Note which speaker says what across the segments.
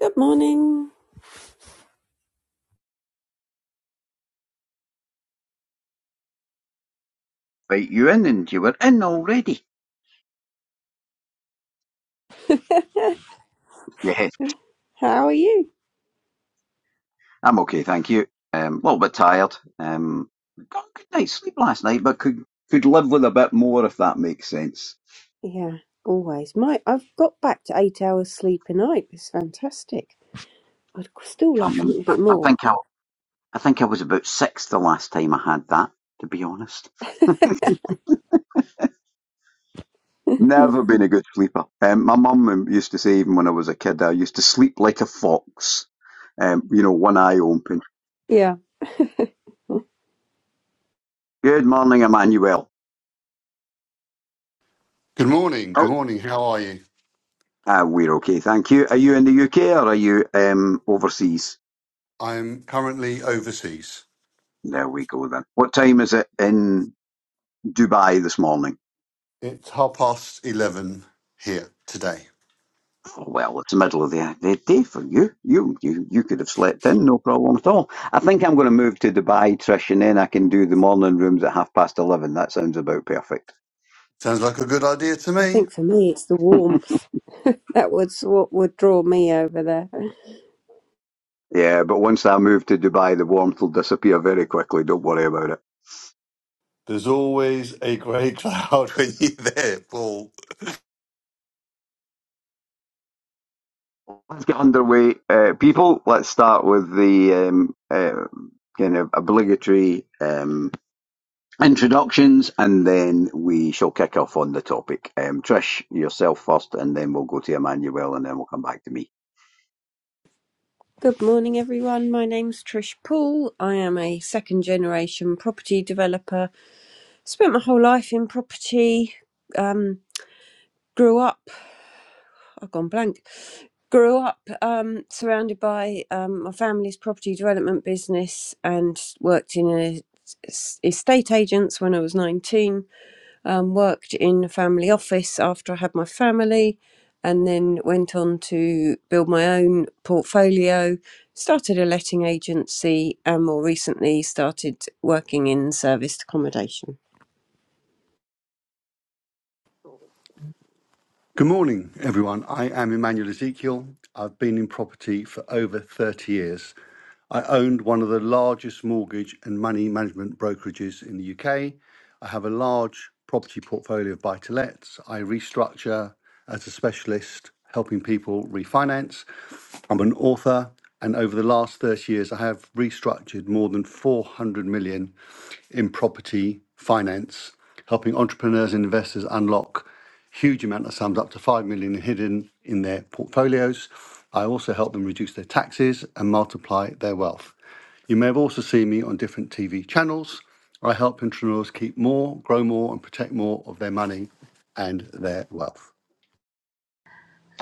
Speaker 1: Good morning.
Speaker 2: invite you in, and you were in already. Yes,
Speaker 1: How are you?
Speaker 2: I'm okay, thank you. Um, well, a little bit tired. Um, got a good night's sleep last night, but could could live with a bit more if that makes sense.
Speaker 1: Yeah, always. My, I've got back to eight hours sleep a night. It's fantastic. I'd still
Speaker 2: Can't
Speaker 1: like a
Speaker 2: remember.
Speaker 1: little
Speaker 2: I,
Speaker 1: bit
Speaker 2: I
Speaker 1: more.
Speaker 2: think I, I think I was about six the last time I had that. To be honest, never been a good sleeper. Um, my mum used to say, even when I was a kid, I used to sleep like a fox. Um, you know, one eye open.
Speaker 1: Yeah,
Speaker 2: Good morning, Emmanuel.
Speaker 3: Good morning.
Speaker 2: Oh,
Speaker 3: Good morning. How are you?
Speaker 2: Uh, we're okay, thank you. Are you in the UK or are you um, overseas?
Speaker 3: I am currently overseas.
Speaker 2: There we go then. What time is it in Dubai this morning?
Speaker 3: It's half past 11 here today.
Speaker 2: Oh, well, it's the middle of the, day for you. You, you. you could have slept in, no problem at all. I think I'm going to move to Dubai, Trish, and then I can do the morning rooms at half past 11. That sounds about perfect.
Speaker 3: Sounds like a good idea to
Speaker 1: I
Speaker 3: me.
Speaker 1: think for me it's the warmth. That was what would draw me over there.
Speaker 2: Yeah, but once I move to Dubai, the warmth will disappear very quickly. Don't worry about it.
Speaker 3: There's always a grey cloud when you're there, Paul.
Speaker 2: Let's get underway. Uh, people, let's start with the um, uh, kind of obligatory. um, introductions and then we shall kick off on the topic. Um, Trish, yourself first, and then we'll go to Emmanuel and then we'll come back to me.
Speaker 1: Good morning, everyone. My name's Trish Poole. I am a second generation property developer. Spent my whole life in property. Um, grew up. I've gone blank. grew up um, surrounded by um, my family's property development business and worked in a s- estate agents when I was 19 um, worked in a family office after I had my family and then went on to build my own portfolio started a letting agency and more recently started working in serviced accommodation
Speaker 3: Good morning, everyone. I am Emmanuel Ezekiel. I've been in property for over 30 years. I owned one of the largest mortgage and money management brokerages in the UK. I have a large property portfolio of buy to lets. I restructure as a specialist, helping people refinance. I'm an author, and over the last 30 years, I have restructured more than 400 million in property finance, helping entrepreneurs and investors unlock huge amount of sums up to 5 million hidden in their portfolios. I also help them reduce their taxes and multiply their wealth. You may have also seen me on different TV channels. I help entrepreneurs keep more, grow more, and protect more of their money and their wealth.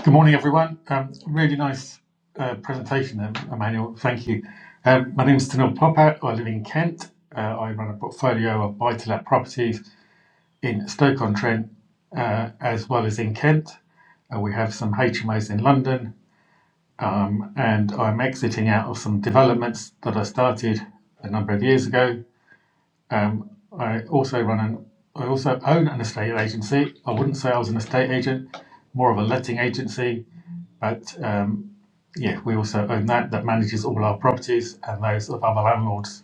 Speaker 4: Good morning, everyone. Um, Really nice uh, presentation there, Emmanuel. Thank you. Um, My name is Tanil Popat. I live in Kent. Uh, I run a portfolio of buy-to-let properties in Stoke-on-Trent, uh, as well as in Kent. Uh, We have some HMOs in London, um, and I'm exiting out of some developments that I started a number of years ago. Um, I also run an I also own an estate agency. I wouldn't say I was an estate agent, more of a letting agency but um, yeah, we also own that. That manages all our properties and those of other landlords.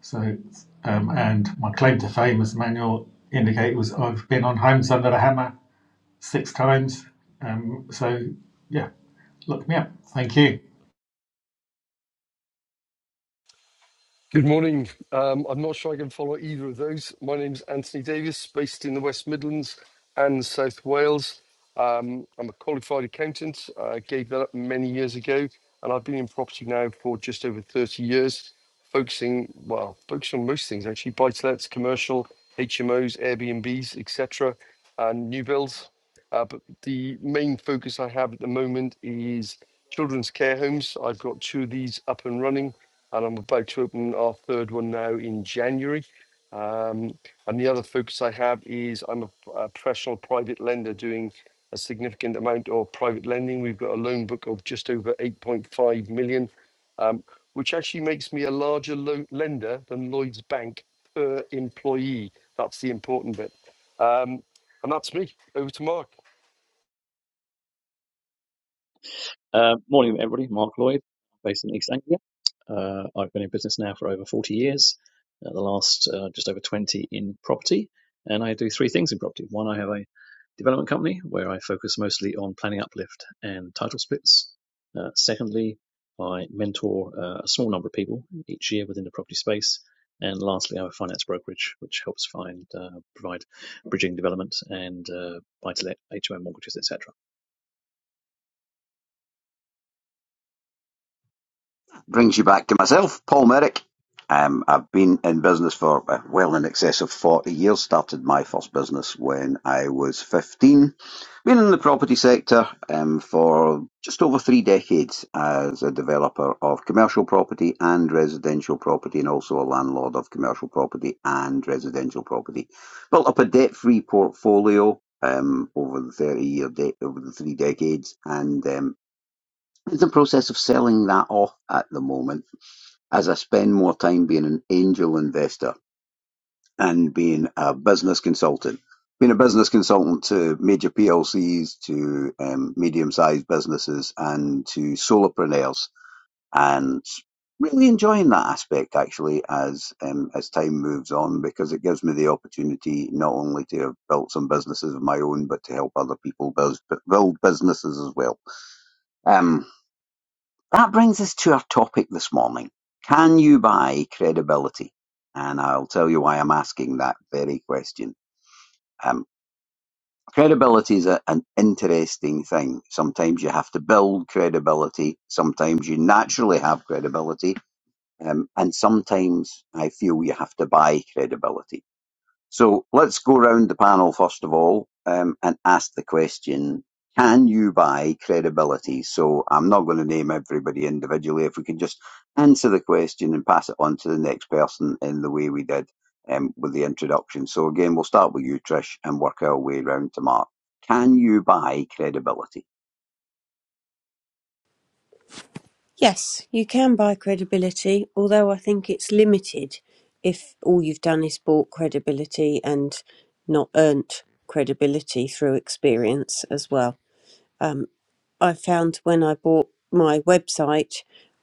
Speaker 4: So, um, and my claim to fame, as Manuel indicated, was I've been on Homes Under the Hammer six times. Um, so yeah, look me up. Thank you.
Speaker 5: Good morning. Um, I'm not sure I can follow either of those. My name's Anthony Davis, based in the West Midlands and South Wales. Um, I'm a qualified accountant. I gave that up many years ago, and I've been in property now for just over 30 years, focusing, well, focusing on most things actually buy to lets, commercial, HMOs, Airbnbs, etc., and new builds. Uh, but the main focus I have at the moment is children's care homes. I've got two of these up and running and I'm about to open our third one now in January. Um, and the other focus I have is I'm a, a professional private lender doing a significant amount of private lending. We've got a loan book of just over 8.5 million, um, which actually makes me a larger lo- lender than Lloyd's Bank per employee. That's the important bit. Um, and that's me. Over to Mark.
Speaker 6: Uh, morning, everybody. Mark Lloyd, based in East Anglia. Uh, I've been in business now for over 40 years, uh, the last uh, just over 20 in property. And I do three things in property. One, I have a development company where I focus mostly on planning uplift and title splits. Uh, secondly, I mentor uh, a small number of people each year within the property space. And lastly, I have a finance brokerage which helps find uh, provide bridging development and uh, buy to let HOM mortgages, etc.
Speaker 2: brings you back to myself, Paul Merrick. Um, I've been in business for uh, well in excess of 40 years. Started my first business when I was 15. Been in the property sector um, for just over three decades as a developer of commercial property and residential property, and also a landlord of commercial property and residential property. Built up a debt free portfolio. Um, over the 30 year de- over the three decades and um, in the process of selling that off at the moment as I spend more time being an angel investor and being a business consultant. Being a business consultant to major PLCs, to um, medium sized businesses, and to solopreneurs, and really enjoying that aspect actually as um, as time moves on because it gives me the opportunity not only to have built some businesses of my own but to help other people bus- build businesses as well. Um, that brings us to our topic this morning. Can you buy credibility? And I'll tell you why I'm asking that very question. Um, credibility is a, an interesting thing. Sometimes you have to build credibility, sometimes you naturally have credibility, um, and sometimes I feel you have to buy credibility. So let's go round the panel first of all um, and ask the question: Can you buy credibility? So I'm not going to name everybody individually. If we can just answer the question and pass it on to the next person in the way we did um, with the introduction. So again, we'll start with you, Trish, and work our way round to Mark. Can you buy credibility?
Speaker 1: Yes, you can buy credibility, although I think it's limited if all you've done is bought credibility and not earned credibility through experience as well. I found when I bought my website,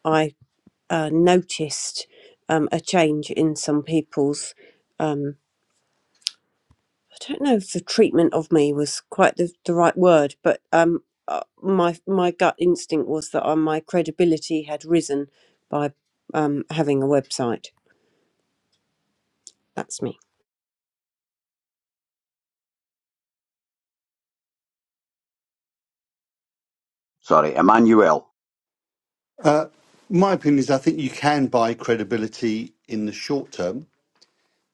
Speaker 1: I uh, noticed um, a change in some people's. I don't know if the treatment of me was quite the, the right word, but um, uh, my my gut instinct was that uh, my credibility had risen by um, having a website. That's me.
Speaker 2: Sorry, Emmanuel.
Speaker 3: My opinion is I think you can buy credibility in the short term,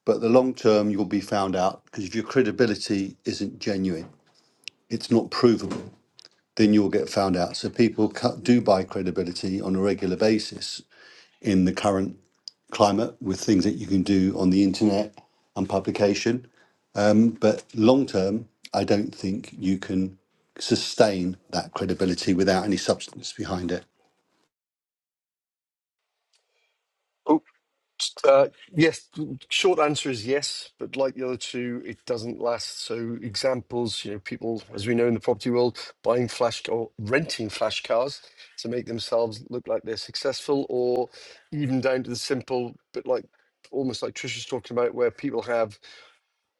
Speaker 3: but the long term you'll be found out because if your credibility isn't genuine, it's not provable. then you'll get found out. So people cu- do buy credibility on a regular basis in the current climate with things that you can do on the internet and publication. Um, but long term, I don't think you can sustain that credibility without any substance behind it.
Speaker 5: Uh, yes, short answer is yes, but like the other two, it doesn't last. So examples, you know, people, as we know in the property world, buying flash or renting flash cars to make themselves look like they're successful, or even down to the simple, but like almost like Trisha's talking about, where people have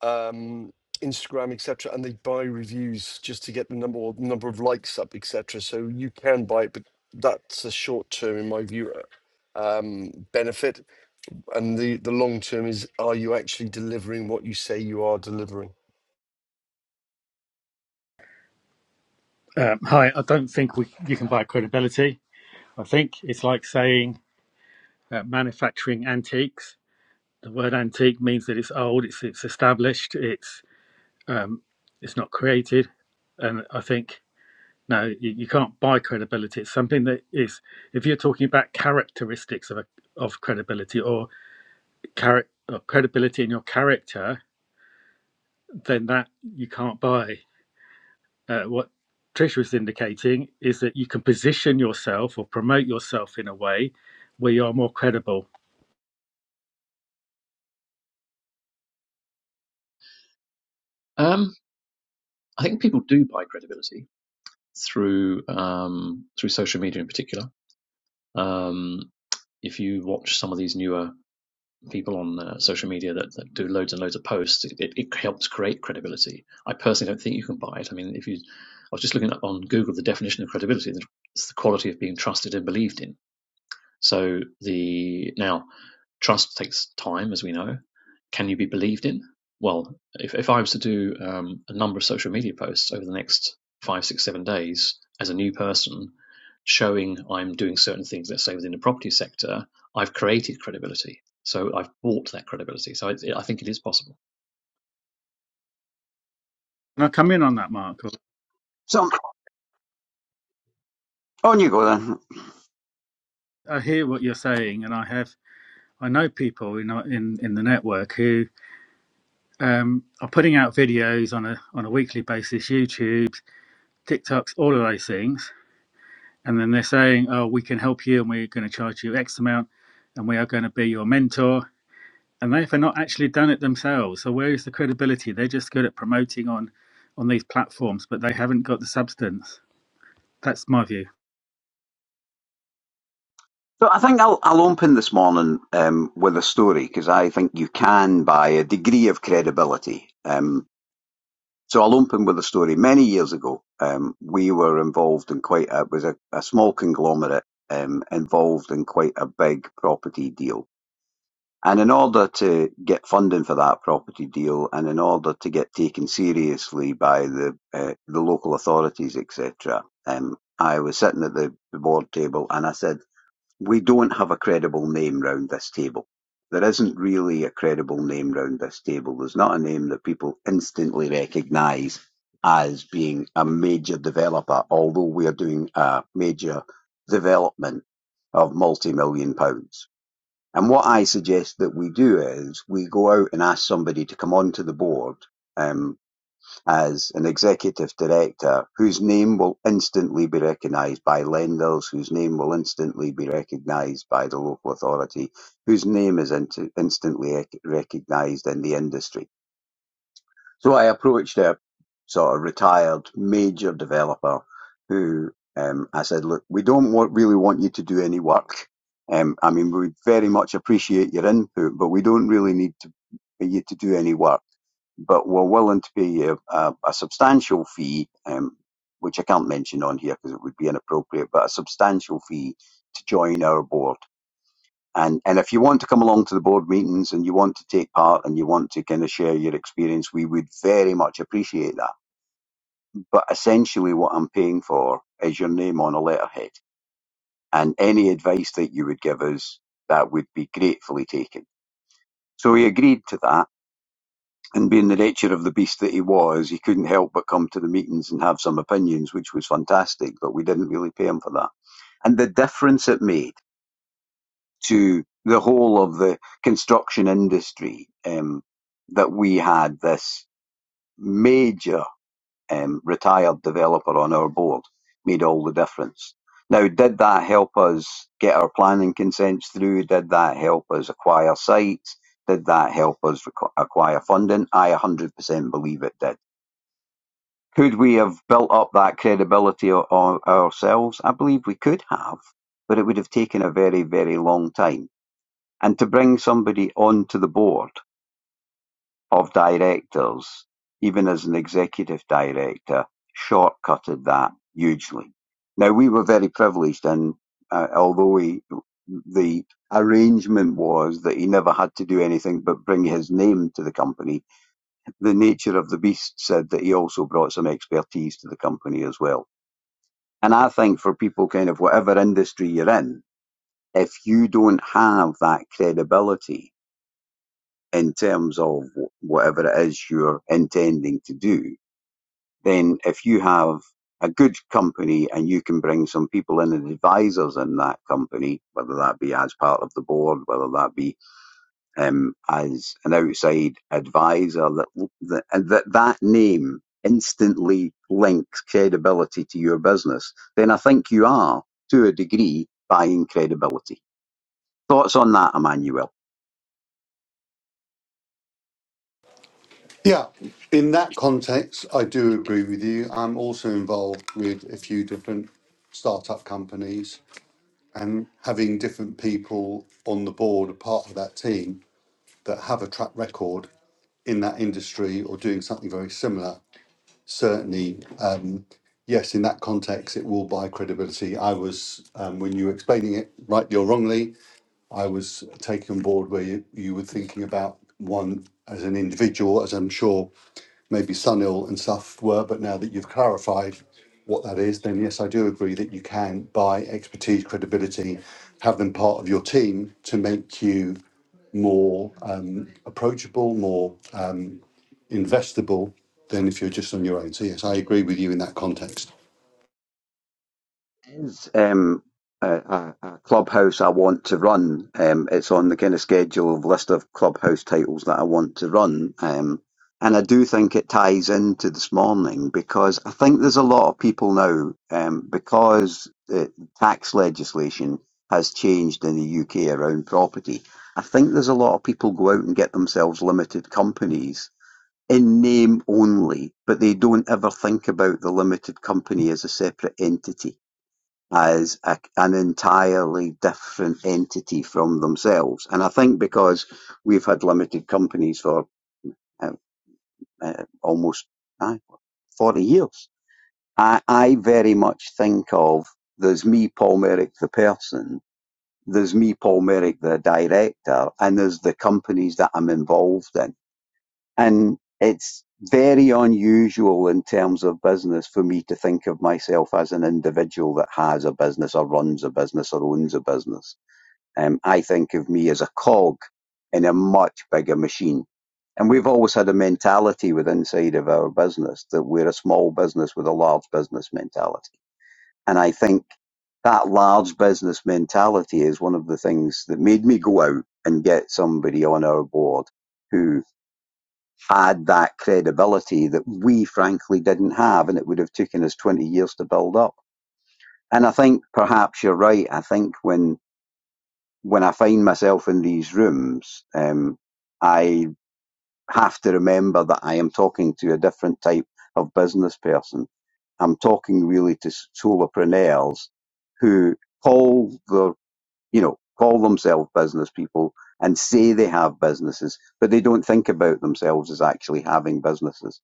Speaker 5: um, Instagram, etc., and they buy reviews just to get the number or number of likes up, etc. So you can buy it, but that's a short term, in my view, uh, um, benefit and the, the long term is are you actually delivering what you say you are delivering?
Speaker 4: Um, hi, I don't think we, you can buy credibility. I think it's like saying uh, manufacturing antiques. The word antique means that it's old, it's it's established, it's um, it's not created, and I think No, you, you can't buy credibility. It's something that is, if you're talking about characteristics of a, of credibility or charac or credibility in your character, then that you can't buy. Uh, what Trish was indicating is that you can position yourself or promote yourself in a way where you are more credible.
Speaker 6: Um, I think people do buy credibility through um, through social media in particular. Um, if you watch some of these newer people on uh, social media that, that do loads and loads of posts, it, it, it helps create credibility. I personally don't think you can buy it. I mean, if you, I was just looking up on Google the definition of credibility. and It's the quality of being trusted and believed in. So the now trust takes time, as we know. Can you be believed in? Well, if, if I was to do um, a number of social media posts over the next five, six, seven days as a new person, showing I'm doing certain things, let's say within the property sector, I've created credibility. So I've bought that credibility. So it, it, I think it is possible,
Speaker 4: And I come in on that, Mark.
Speaker 2: So on you go then.
Speaker 4: I hear what you're saying, and I have I know people in in in the network who um, are putting out videos on a on a weekly basis, YouTube. TikToks, all of those things. And then they're saying, oh, we can help you and we're going to charge you X amount and we are going to be your mentor. And they've not actually done it themselves. So where is the credibility? They're just good at promoting on, on these platforms, but they haven't got the substance. That's my view.
Speaker 2: So I think I'll, I'll open this morning um, with a story because I think you can buy a degree of credibility. Um, so I'll open with a story. Many years ago, um, we were involved in quite a was a, a small conglomerate um, involved in quite a big property deal. And in order to get funding for that property deal, and in order to get taken seriously by the uh, the local authorities, etc., um, I was sitting at the, the board table and I said. We don't have a credible name round this table. There isn't really a credible name round this table. There's not a name that people instantly recognise as being a major developer, although we are doing a major development of multi-million pounds. And what I suggest that we do is we go out and ask somebody to come onto the board. um, as an executive director whose name will instantly be recognised by lenders, whose name will instantly be recognised by the local authority, whose name is int- instantly recognised in the industry. So I approached a sort of retired major developer who um, I said, look, we don't want, really want you to do any work. Um, I mean, we would very much appreciate your input, but we don't really need to, you to do any work but were willing to pay a, a, a substantial fee, um, which I can't mention on here because it would be inappropriate, but a substantial fee to join our board. And, and if you want to come along to the board meetings and you want to take part and you want to kind of share your experience, we would very much appreciate that. But essentially, what I'm paying for is your name on a letterhead. And any advice that you would give us, that would be gratefully taken. So he agreed to that and being the nature of the beast that he was, he couldn't help but come to the meetings and have some opinions, which was fantastic, but we didn't really pay him for that. And the difference it made to the whole of the construction industry um, that we had this major um, retired developer on our board made all the difference. Now, did that help us get our planning consents through? Did that help us acquire sites? Did that help us acquire funding? I 100% believe it did Could we have built up that credibility o- ourselves? I believe we could have, but it would have taken a very, very long time. And to bring somebody onto the board of directors, even as an executive director, shortcutted that hugely. Now, we were very privileged, and uh, although he, the arrangement was that he never had to do anything but bring his name to the company, the nature of the beast said that he also brought some expertise to the company as well. And I think for people, kind of whatever industry you're in, if you don't have that credibility in terms of whatever it is you're intending to do, then if you have a good company and you can bring some people in and advisors in that company, whether that be as part of the board, whether that be um, as an outside advisor that, that and that that name instantly links credibility to your business, then I think you are to a degree buying credibility. Thoughts on that, Emmanuel?
Speaker 3: Yeah, in that context, I do agree with you. I'm also involved with a few different startup companies and having different people on the board, a part of that team that have a track record in that industry or doing something very similar, certainly, uh, yes, in that context, it will buy credibility. I was, um, when you were explaining it, rightly or wrongly, I was taken on board where you, you were thinking about one as an individual, as I'm sure maybe Sunil and stuff were, but now that you've clarified what that is, then yes, I do agree that you can buy expertise, credibility, have them part of your team to make you more um, approachable, more um, investable than if you're just on your own. So yes, I agree with you in that context.
Speaker 2: is um, a, a, clubhouse I want to run. Um, it's on the kind of schedule of list of clubhouse titles that I want to run. Um, and I do think it ties into this morning because I think there's a lot of people now, um, because the tax legislation has changed in the UK around property. I think there's a lot of people go out and get themselves limited companies in name only, but they don't ever think about the limited company as a separate entity as a, an entirely different entity from themselves. And I think because we've had limited companies for uh, uh, almost uh, 40 years, I, I very much think of there's me, Paul Merrick, the person, there's me, Paul Merrick, the director, and there's the companies that I'm involved in. And it's very unusual in terms of business for me to think of myself as an individual that has a business or runs a business or owns a business. Um, I think of me as a cog in a much bigger machine. And we've always had a mentality with inside of our business that we're a small business with a large business mentality. And I think that large business mentality is one of the things that made me go out and get somebody on our board who had that credibility that we frankly didn't have and it would have taken us 20 years to build up. And I think perhaps you're right. I think when when I find myself in these rooms, um, I have to remember that I am talking to a different type of business person. I'm talking really to solopreneurs who call their, you know, call themselves business people and say they have businesses, but they don't think about themselves as actually having businesses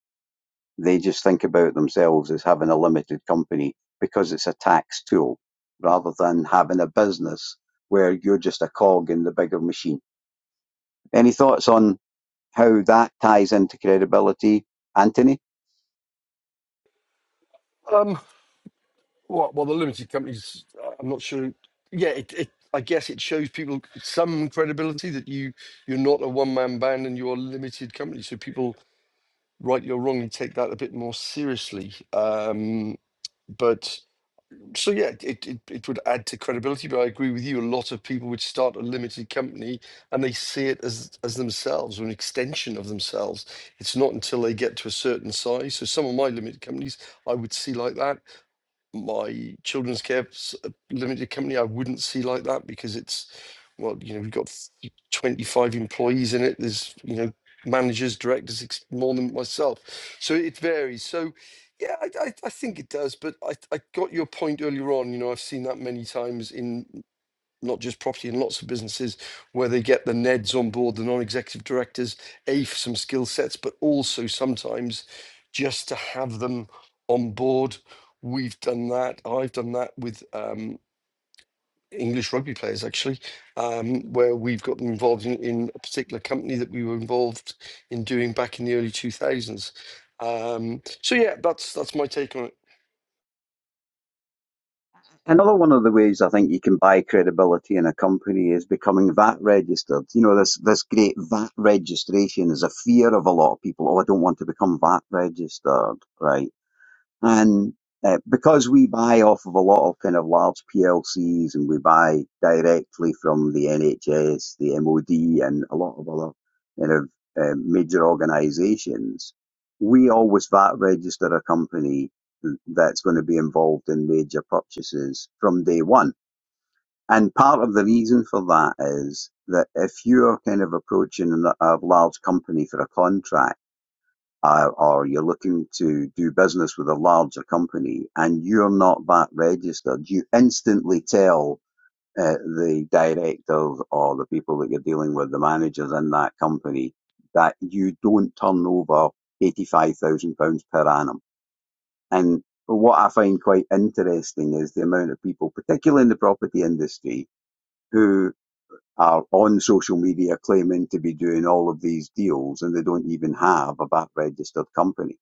Speaker 2: they just think about themselves as having a limited company because it's a tax tool rather than having a business where you're just a cog in the bigger machine. Any thoughts on how that ties into credibility, Anthony?
Speaker 5: Um, what? Well, the limited companies, uh, I'm not sure. Yeah, it, it, I guess it shows people some credibility that you you're not a one man band and you're a limited company. So people, rightly or wrongly, take that a bit more seriously. Um, but so yeah, it, it it would add to credibility, but I agree with you. A lot of people would start a limited company and they see it as as themselves or an extension of themselves. It's not until they get to a certain size. So some of my limited companies I would see like that my children's care s- uh, limited company, I wouldn't see like that because it's, well, you know, we've got 25 employees in it. There's, you know, managers, directors, ex- more than myself. So it varies. So, yeah, I, I, I think it does. But I, I got your point earlier on. You know, I've seen that many times in not just property and lots of businesses where they get the neds on board the non-executive directors a for some skill sets but also sometimes just to have them on board we've done that i've done that with um, english rugby players actually um, where we've got them involved in, in a particular company that we were involved in doing back in the early 2000s um, so yeah that's that's my take on it
Speaker 2: Another one of the ways I think you can buy credibility in a company is becoming VAT registered. You know, this, this great VAT registration is a fear of a lot of people. Oh, I don't want to become VAT registered, right? And uh, because we buy off of a lot of kind of large PLCs and we buy directly from the NHS, the MOD, and a lot of other kind of uh, major organisations, we always VAT register a company that's going to be involved in major purchases from day one. And part of the reason for that is that if you're kind of approaching a large company for a contract, uh, or you're looking to do business with a larger company and you're not VAT registered, you instantly tell uh, the directors or the people that you're dealing with, the managers in that company, that you don't turn over £85,000 per annum. And what I find quite interesting is the amount of people, particularly in the property industry, who are on social media claiming to be doing all of these deals and they don't even have a VAT registered company.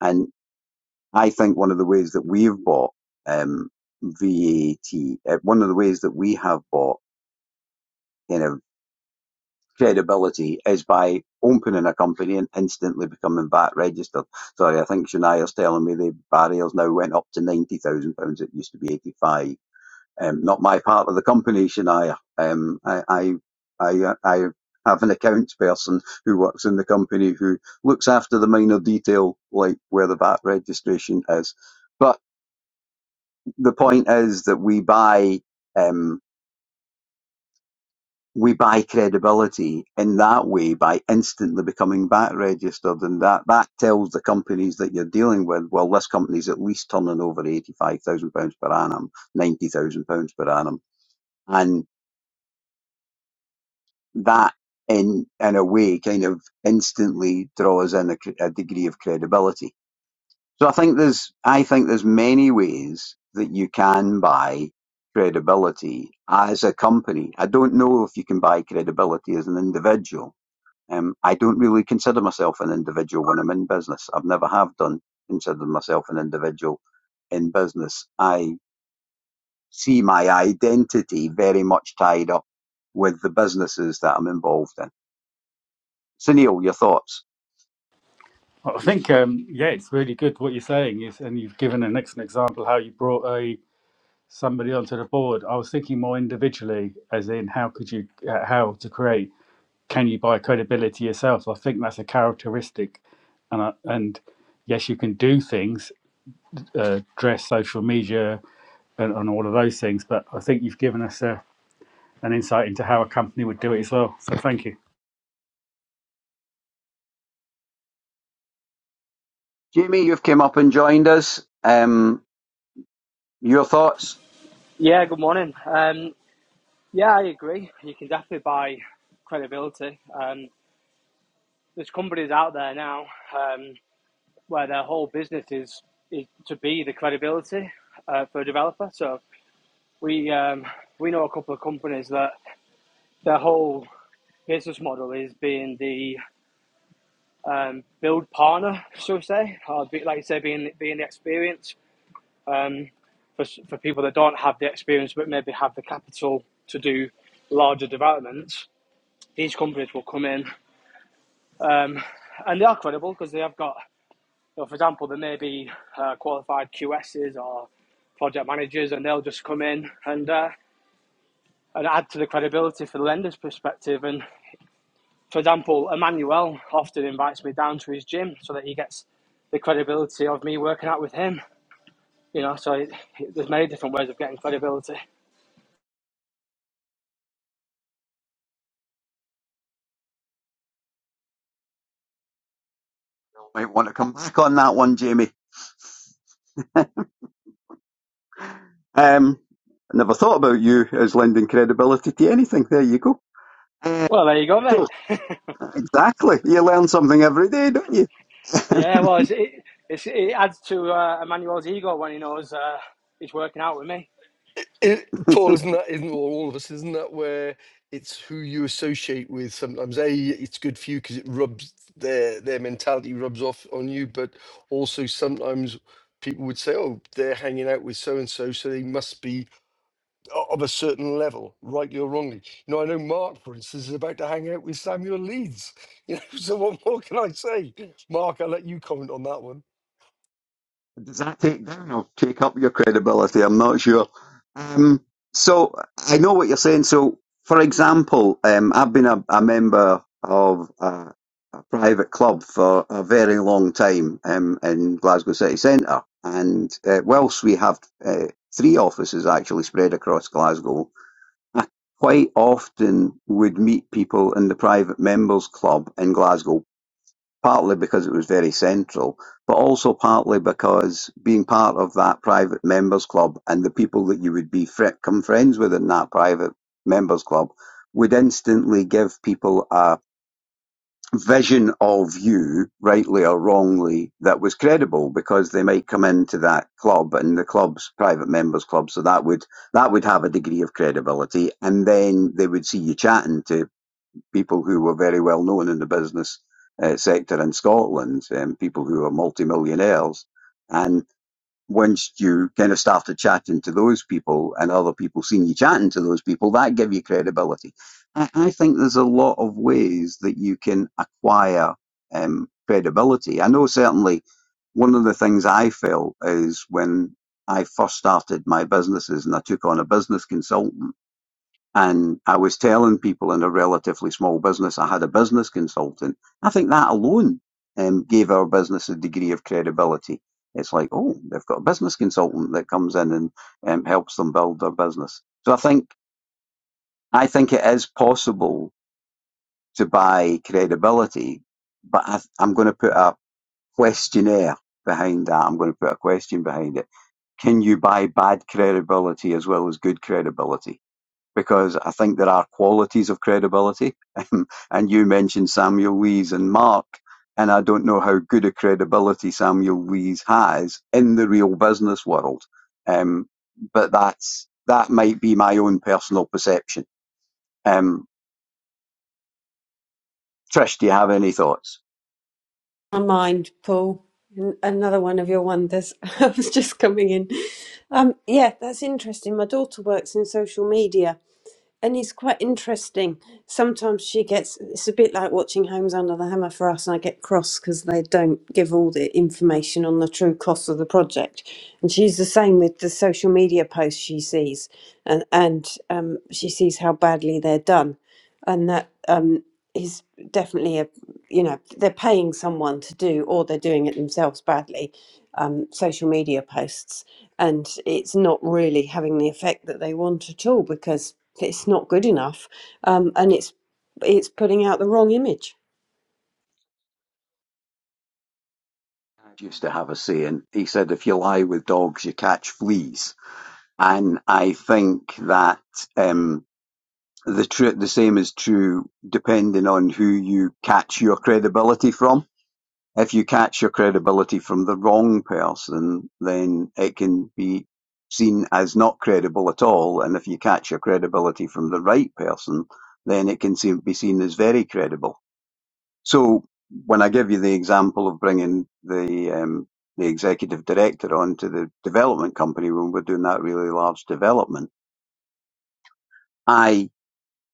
Speaker 2: And I think one of the ways that we've bought um, VAT, uh, one of the ways that we have bought kind of credibility is by opening a company and instantly becoming VAT registered. Sorry, I think Shania's telling me the barriers now went up to £90,000. It used to be 85 um, Not my part of the company, Shania. Um, I, I, I, uh, I have an accounts person who works in the company who looks after the minor detail, like where the VAT registration is. but. the point is that we buy um, we buy credibility in that way by instantly becoming back registered, and that that tells the companies that you're dealing with, well, this company's at least turning over eighty five thousand pounds per annum, ninety thousand pounds per annum, and that. In, in a way, kind of instantly draws in a, a degree of credibility. So I think there's I think there's many ways that you can buy credibility as a company. I don't know if you can buy credibility as an individual. Um, I don't really consider myself an individual when I'm in business. I've never have done considered myself an individual in business. I see my identity very much tied up with the businesses that I'm involved in. So Neil, your thoughts?
Speaker 4: I think, um, yeah, it's really good what you're saying. Is, and you've given an excellent example how you brought a somebody onto the board. I was thinking more individually, as in how could you, uh, how to create can you buy credibility yourself? So I think that's a characteristic, and I, and yes, you can do things, uh, dress, social media, and, and all of those things. But I think you've given us a, an insight into how a company would do it as well. So thank you.
Speaker 2: Jamie, you've come up and joined us. Um, your thoughts?
Speaker 7: Yeah, good morning. Um, yeah, I agree. You can definitely buy credibility. Um, there's companies out there now um, where their whole business is, is to be the credibility uh, for a developer. So we um, we know a couple of companies that their whole business model is being the um, build partner, so to say, or be, like you say, being being the experience. Um, for, s- for people that don't have the experience but maybe have the capital to do larger developments, these companies will come in, um, and they are credible because they have got, you know, for example, there may be uh, qualified QSs or project managers, and they'll just come in and uh, and add to the credibility for the lender's perspective. And for example, Emmanuel often invites me down to his gym so that he gets the credibility of me working out with him. You know, so it, it- there's many different ways of getting credibility.
Speaker 2: Might want to come back on that one, Jamie. Um, I never thought about you as lending credibility to anything. There you go. Uh,
Speaker 7: Well, there you go, mate.
Speaker 2: so, exactly. You learn something every day, don't you?
Speaker 7: yeah, well, it's, it, it's, it adds to uh, Emmanuel's ego when he knows uh, he's working out with me.
Speaker 5: It, Paul, isn't that isn't or all of us? Isn't that where it's who you associate with? Sometimes, a it's good for you because it rubs their their mentality rubs off on you, but also sometimes people would say, "Oh, they're hanging out with so and so, so they must be o- of a certain level, rightly or wrongly." You know, I know Mark, for instance, is about to hang out with Samuel Leeds. You know, so what more can I say? Mark, I'll let you comment on that one.
Speaker 2: Does that take down or take up your credibility? I'm not sure. Um, so, I know what you're saying. So, for example, um, I've been a, a member of a, a private club for a very long time um, in Glasgow City Centre. And uh, whilst we have uh, three offices actually spread across Glasgow, Quite often would meet people in the private members club in Glasgow, partly because it was very central, but also partly because being part of that private members club and the people that you would become friends with in that private members club would instantly give people a vision of you, rightly or wrongly, that was credible because they might come into that club and the club's private members club, so that would that would have a degree of credibility, and then they would see you chatting to people who were very well known in the business uh, sector in Scotland, um, people who are multimillionaires, and once you kind of started chatting to those people and other people seeing you chatting to those people, that give you credibility. I, I think there's a lot of ways that you can acquire um, credibility. I know certainly one of the things I felt is when I first started my businesses and I took on a business consultant and I was telling people in a relatively small business, I had a business consultant. I think that alone um, gave our business a degree of credibility. It's like, oh, they've got a business consultant that comes in and um, helps them build their business. So I think I think it is possible to buy credibility, but I, I'm going to put a questionnaire behind that. I'm going to put a question behind it. Can you buy bad credibility as well as good credibility? because I think there are qualities of credibility. and you mentioned Samuel Wees and Mark, and I don't know how good a credibility Samuel Wees has in the real business world. Um, but that's that might be my own personal perception. Um, Trish, do you have any thoughts?
Speaker 1: My mind, Paul. Another one of your wonders. I was just coming in. Um, yeah, that's interesting. My daughter works in social media and it's quite interesting. Sometimes she gets, it's a bit like watching Homes Under the Hammer for us. I get cross because they don't give all the information on the true cost of the project. And she's the same with the social media posts she sees and, and um, she sees how badly they're done and that. um, is definitely a you know they're paying someone to do or they're doing it themselves badly um, social media posts and it's not really having the effect that they want at all because it's not good enough um, and it's it's putting out the wrong image
Speaker 2: I used to have a saying. He said, "If you lie with dogs, you catch fleas." And I think that. Um, The true the same is true depending on who you catch your credibility from. If you catch your credibility from the wrong person, then it can be seen as not credible at all. And if you catch your credibility from the right person, then it can seem, be seen as very credible. So when I give you the example of bringing the um, the executive director on to the development company when we're doing that really large development, I.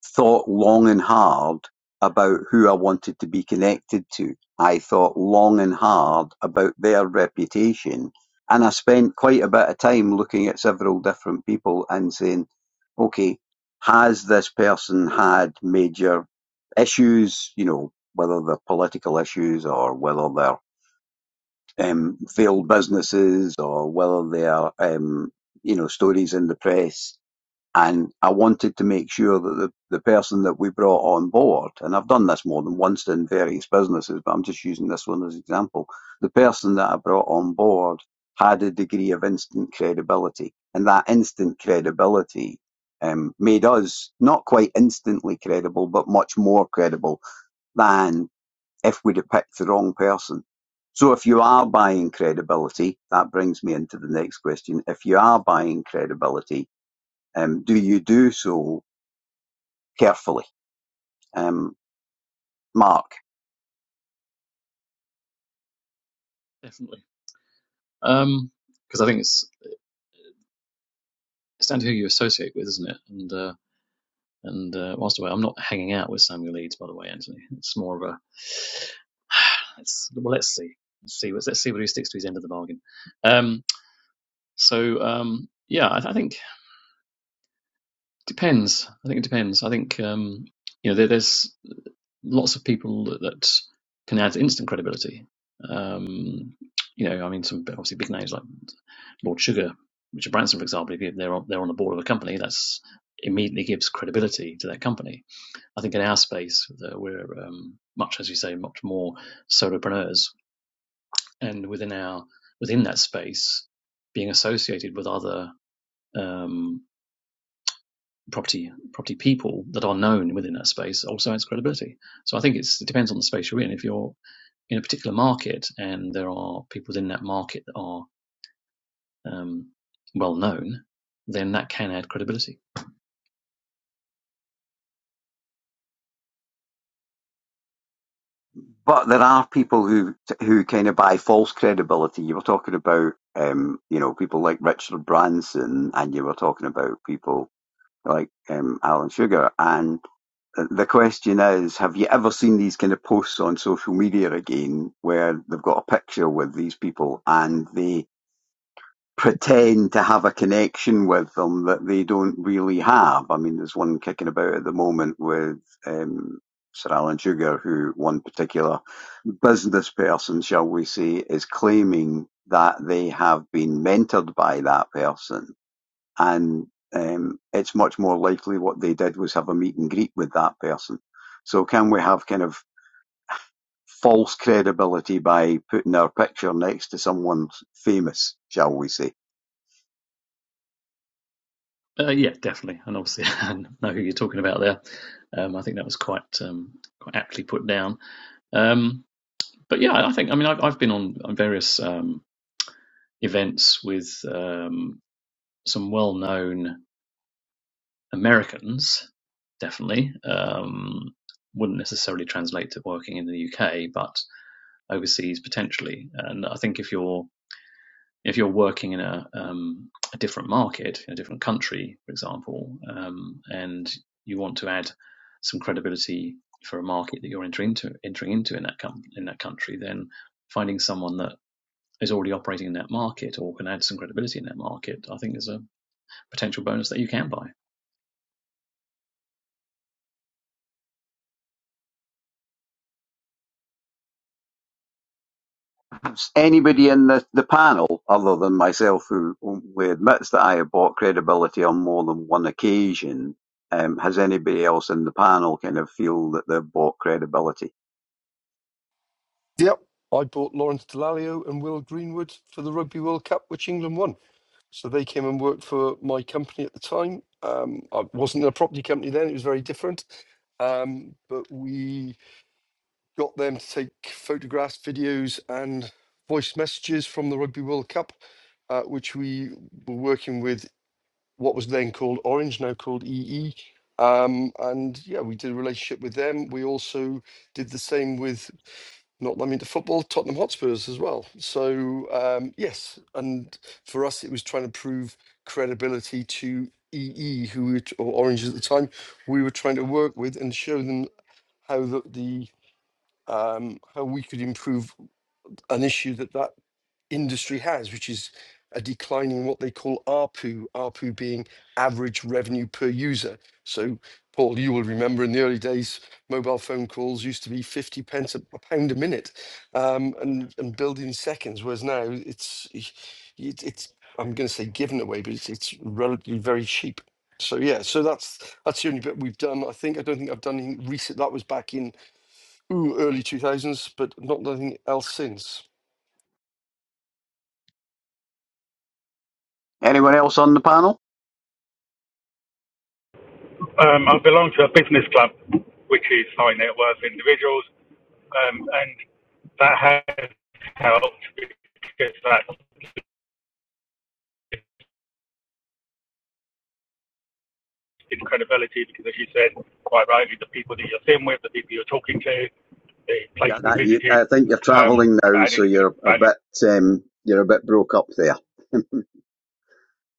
Speaker 2: Thought long and hard about who I wanted to be connected to. I thought long and hard about their reputation. And I spent quite a bit of time looking at several different people and saying, okay, has this person had major issues, you know, whether they're political issues or whether they're um, failed businesses or whether they're, um, you know, stories in the press and I wanted to make sure that the, the person that we brought on board, and I've done this more than once in various businesses, but I'm just using this one as an example. The person that I brought on board had a degree of instant credibility, and that instant credibility um, made us not quite instantly credible, but much more credible than if we'd have picked the wrong person. So if you are buying credibility, that brings me into the next question. If you are buying credibility, um, do you do so carefully, um, Mark?
Speaker 6: definitely. Um, Because I think it's it's down to who you associate with, isn't it? And uh, and uh, whilst away, I'm not hanging out with Samuel Leeds, by the way, Anthony. It's more of a Let's, well, let's see. Let's see. Let's see whether he sticks to his end of the bargain. Um, so um, yeah, I, I think it depends. I think it depends. I think um, you know there, there's lots of people that, that can add instant credibility. Um, you know, I mean, some obviously big names like Lord Sugar, Richard Branson, for example. If they're on, they're on the board of a company, that's immediately gives credibility to that company. I think in our space, that we're um, much as you say, much more solopreneurs and within our within that space, being associated with other um, property property people that are known within that space also adds credibility. So I think it's, it depends on the space you're in. If you're in a particular market and there are people within that market that are um, well known, then that can add credibility.
Speaker 2: But there are people who who kind of buy false credibility. You were talking about, um, you know, people like Richard Branson, and you were talking about people like um, Alan Sugar. And the question is, have you ever seen these kind of posts on social media again, where they've got a picture with these people and they pretend to have a connection with them that they don't really have. I mean, there's one kicking about at the moment with um, Sir Alan Sugar, who one particular business person, shall we say, is claiming that they have been mentored by that person. And um, it's much more likely what they did was have a meet and greet with that person. So, can we have kind of false credibility by putting our picture next to someone famous, shall we say?
Speaker 6: Uh, yeah, definitely, and obviously I know who you're talking about there. Um, I think that was quite um, quite aptly put down. Um, but yeah, I think I mean I've, I've been on various um, events with um, some well-known Americans. Definitely um, wouldn't necessarily translate to working in the UK, but overseas potentially. And I think if you're if you're working in a, um, a different market, in a different country, for example, um, and you want to add some credibility for a market that you're entering into, entering into in that com- in that country, then finding someone that is already operating in that market or can add some credibility in that market, I think is a potential bonus that you can buy.
Speaker 2: perhaps anybody in the, the panel, other than myself, who openly admits that I have bought credibility on more than one occasion, um, has anybody else in the panel kind of feel that they've bought credibility?
Speaker 5: Yep. I bought Lawrence Delalio and Will Greenwood for the Rugby World Cup, which England won. So they came and worked for my company at the time. Um, I wasn't a property company then; it was very different. Um, but we got them to take photographs, videos, and voice messages from the Rugby World Cup, uh, which we were working with what was then called Orange, now called EE. Um, and yeah, we did a relationship with them. We also did the same with not I mean to football, Tottenham Hotspurs as well. So um, yes, and for us it was trying to prove credibility to EE, who we were, or Orange at the time, we were trying to work with and show them how the, the um, how we could improve an issue that that industry has, which is a decline in what they call ARPU, ARPU being average revenue per user. So, Paul, you will remember in the early days, mobile phone calls used to be 50 pence a, a pound a minute um, and, and billed in seconds, whereas now it's, it, it's I'm going to say given away, but it's, it's relatively very cheap. So yeah, so that's that's the only bit we've done. I think I don't think I've done any recent. That was back in ooh, early two thousands, but not nothing else since.
Speaker 2: Anyone else on the panel?
Speaker 4: Um, I belong to a business club, which is high net worth individuals, um, and that has helped because that in credibility because, as you said quite rightly, the people that you're sitting with, the people you're talking to, the place
Speaker 2: Yeah,
Speaker 4: we
Speaker 2: that, you,
Speaker 4: visited,
Speaker 2: I think you're
Speaker 4: um,
Speaker 2: travelling
Speaker 4: have
Speaker 2: now,
Speaker 4: added
Speaker 2: so you're a
Speaker 4: value
Speaker 2: bit um, you're a bit broke up there.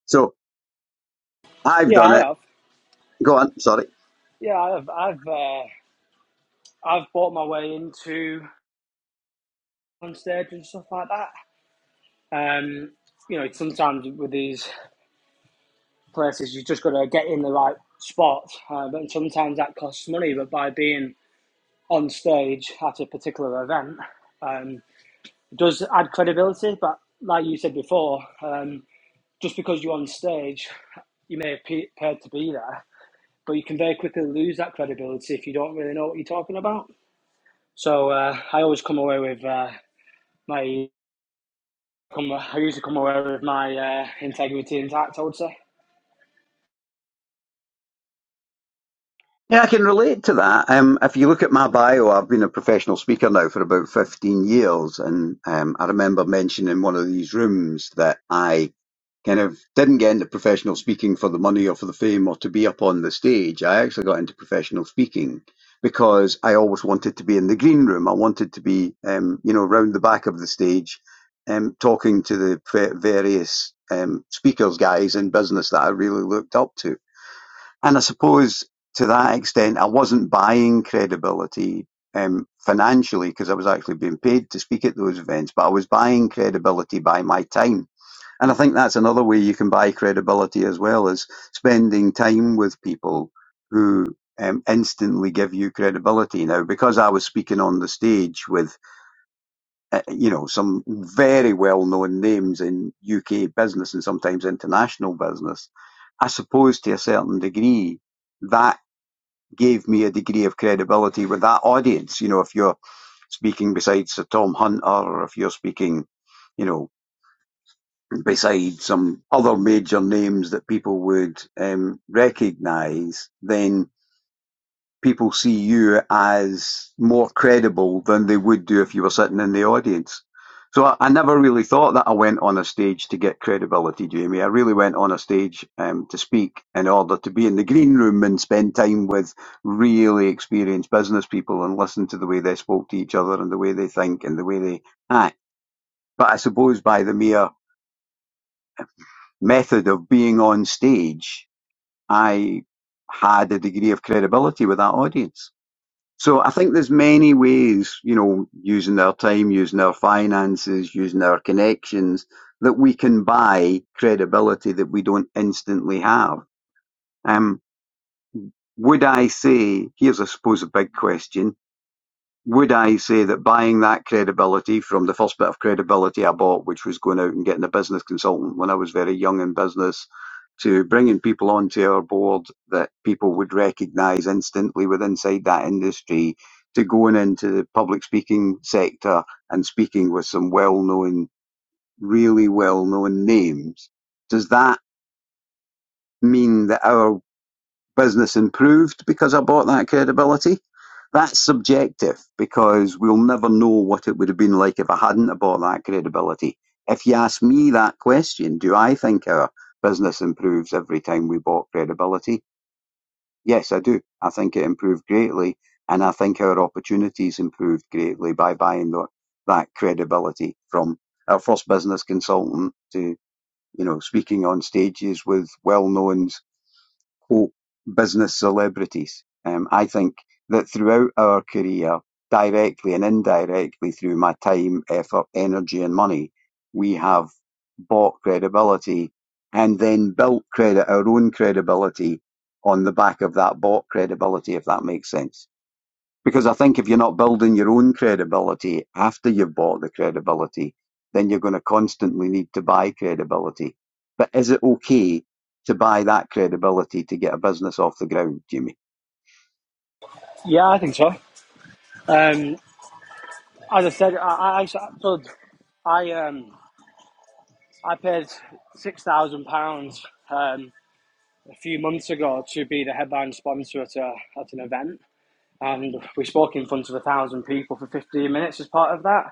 Speaker 2: So I've
Speaker 7: Yeah,
Speaker 2: done
Speaker 7: I
Speaker 2: it.
Speaker 7: have.
Speaker 2: Go on, sorry.
Speaker 7: Yeah, I have. I've uh, I've bought my way into on stage and stuff like that. Um, you know, sometimes with these places, you just got to get in the right spot, uh, but sometimes that costs money. But by being on stage at a particular event, um, it does add credibility. But like you said before, um, just because you're on stage, you may have pe- paid to be there, but you can very quickly lose that credibility if you don't really know what you're talking about. So uh, I always come away with uh, my come. I usually come away with my uh, integrity intact. I would say.
Speaker 2: Yeah, I can relate to that. Um, if you look at my bio, I've been a professional speaker now for about 15 years. And um, I remember mentioning in one of these rooms that I kind of didn't get into professional speaking for the money or for the fame or to be up on the stage. I actually got into professional speaking because I always wanted to be in the green room. I wanted to be, um, you know, round the back of the stage, um, talking to the pre- various um, speakers guys in business that I really looked up to and I suppose to that extent, I wasn't buying credibility um, financially because I was actually being paid to speak at those events, but I was buying credibility by my time. And I think that's another way you can buy credibility as well as spending time with people who um, instantly give you credibility. Now, because I was speaking on the stage with, uh, you know, some very well-known names in UK business and sometimes international business, I suppose to a certain degree that gave me a degree of credibility with that audience. You know, if you're speaking beside Sir Tom Hunter, or if you're speaking, you know, beside some other major names that people would um, recognise, then people see you as more credible than they would do if you were sitting in the audience. So I, I never really thought that I went on a stage to get credibility, Jamie. I really went on a stage um, to speak in order to be in the green room and spend time with really experienced business people and listen to the way they spoke to each other and the way they think and the way they act. But I suppose by the mere method of being on stage, I had a degree of credibility with that audience. So I think there's many ways, you know, using our time, using our finances, using our connections, that we can buy credibility that we don't instantly have. Um, would I say, here's I suppose a big question, would I say that buying that credibility from the first bit of credibility I bought, which was going out and getting a business consultant when I was very young in business, to bringing people onto our board that people would recognise instantly with inside that industry, to going into the public speaking sector and speaking with some well known, really well known names, does that mean that our business improved because I bought that credibility? That's subjective because we'll never know what it would have been like if I hadn't bought that credibility. If you ask me that question, do I think our business improves every time we bought credibility? Yes, I do. I think it improved greatly and I think our opportunities improved greatly by buying tho- that credibility from our first business consultant to, you know, speaking on stages with well-known quote, business celebrities. Um, I think that throughout our career, directly and indirectly through my time, effort, energy, and money, we have bought credibility and then built credit, our own credibility on the back of that bought credibility, if that makes sense. Because I think if you're not building your own credibility after you've bought the credibility, then you're going to constantly need to buy credibility. But is it okay to buy that credibility to get a business off the ground, Jimmy?
Speaker 7: Yeah, I think so. Um, as I said, I I, I, so I, um, I paid six thousand pounds um, a few months ago to be the headline sponsor at a, at an event, and we spoke in front of a thousand people for fifteen minutes as part of that,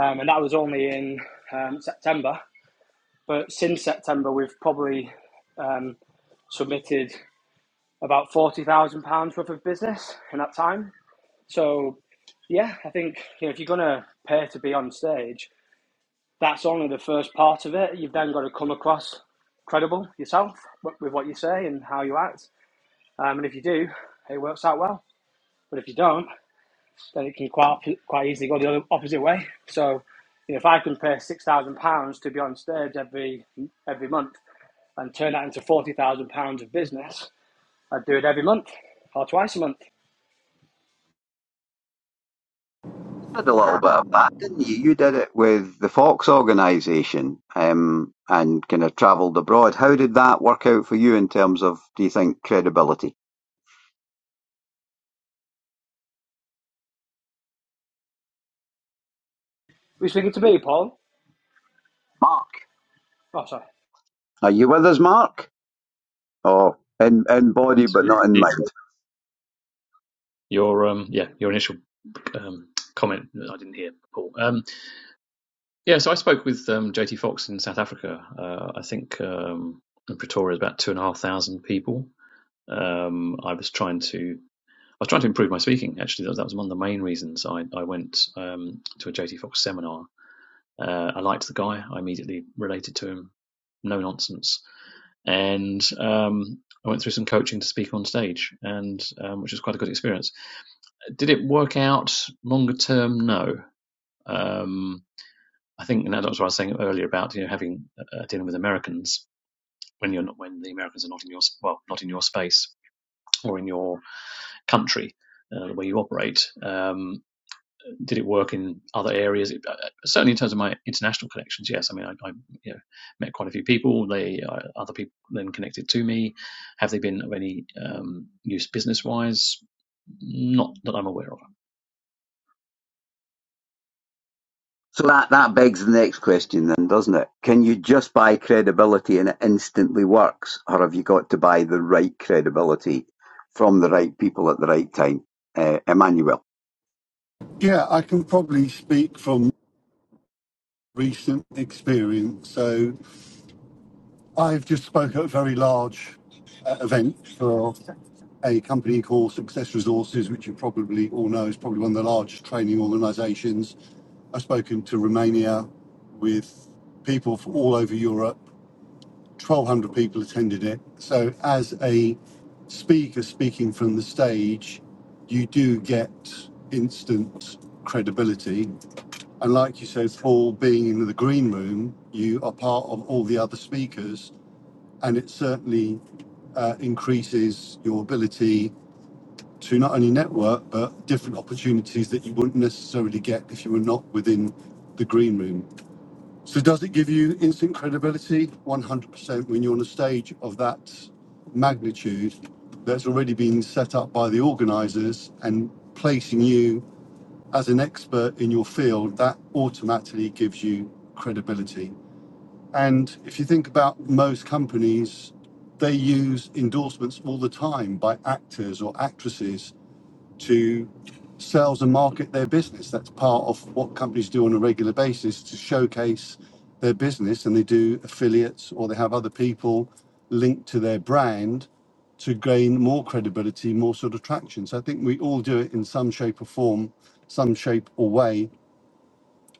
Speaker 7: um, and that was only in um, September. But since September, we've probably um, submitted about forty thousand pounds worth of business in that time. So, yeah, I think you know, if you're gonna pay to be on stage, that's only the first part of it. You've then got to come across credible yourself with what you say and how you act. Um, and if you do, it works out well. But if you don't, then it can quite quite easily go the other opposite way. So, you know, if I can pay six thousand pounds to be on stage every every month and turn that into forty thousand pounds of business, I'd do it every month or twice a month.
Speaker 2: You did a little bit of that, didn't you? You did it with the Fox organisation um, and kind of travelled abroad. How did that work out for you in terms of, do you think, credibility?
Speaker 7: Were you speaking to me, Paul?
Speaker 2: Mark,
Speaker 7: Oh, sorry.
Speaker 2: are you with us, Mark? Oh, in, in body
Speaker 6: So
Speaker 2: but not in mind.
Speaker 6: Your um, yeah, your initial um, comment I didn't hear, Paul. Um, Yeah, so I spoke with um, JT Fox in South Africa. Uh, I think um, in Pretoria, about two and a half thousand people. Um, I was trying to I was trying to improve my speaking. Actually, that was, that was one of the main reasons I I went um, to a JT Fox seminar. Uh, I liked the guy. I immediately related to him. No nonsense. And um, I went through some coaching to speak on stage, and um, which was quite a good experience. Did it work out longer term? No. Um, I think, and that's what I was saying earlier about you know having uh, dealing with Americans when you're not when the Americans are not in your well not in your space or in your country uh, where you operate. Um, did it work in other areas? It, uh, certainly, in terms of my international connections, yes. I mean, I, I you know, met quite a few people. They uh, other people then connected to me. Have they been of any um, use business wise? Not that I'm aware of.
Speaker 2: So that, that begs the next question then, doesn't it? Can you just buy credibility and it instantly works? Or have you got to buy the right credibility from the right people at the right time? Uh, Emmanuel.
Speaker 3: Yeah, I can probably speak from recent experience. So I've just spoke at a very large uh, event for a company called Success Resources, which you probably all know is probably one of the largest training organizations. I've spoken to Romania with people from all over Europe. 1,200 people attended it. So, as a speaker speaking from the stage, you do get instant credibility. And, like you said, Paul, being in the green room, you are part of all the other speakers, and it certainly uh, increases your ability to not only network but different opportunities that you wouldn't necessarily get if you were not within the green room. So does it give you instant credibility? 100% when you're on a stage of that magnitude that's already been set up by the organizers and placing you as an expert in your field, that automatically gives you credibility. And if you think about most companies, they use endorsements all the time by actors or actresses to sales and market their business. That's part of what companies do on a regular basis to showcase their business, and they do affiliates or they have other people linked to their brand to gain more credibility, more sort of traction. So I think we all do it in some shape or form, some shape or way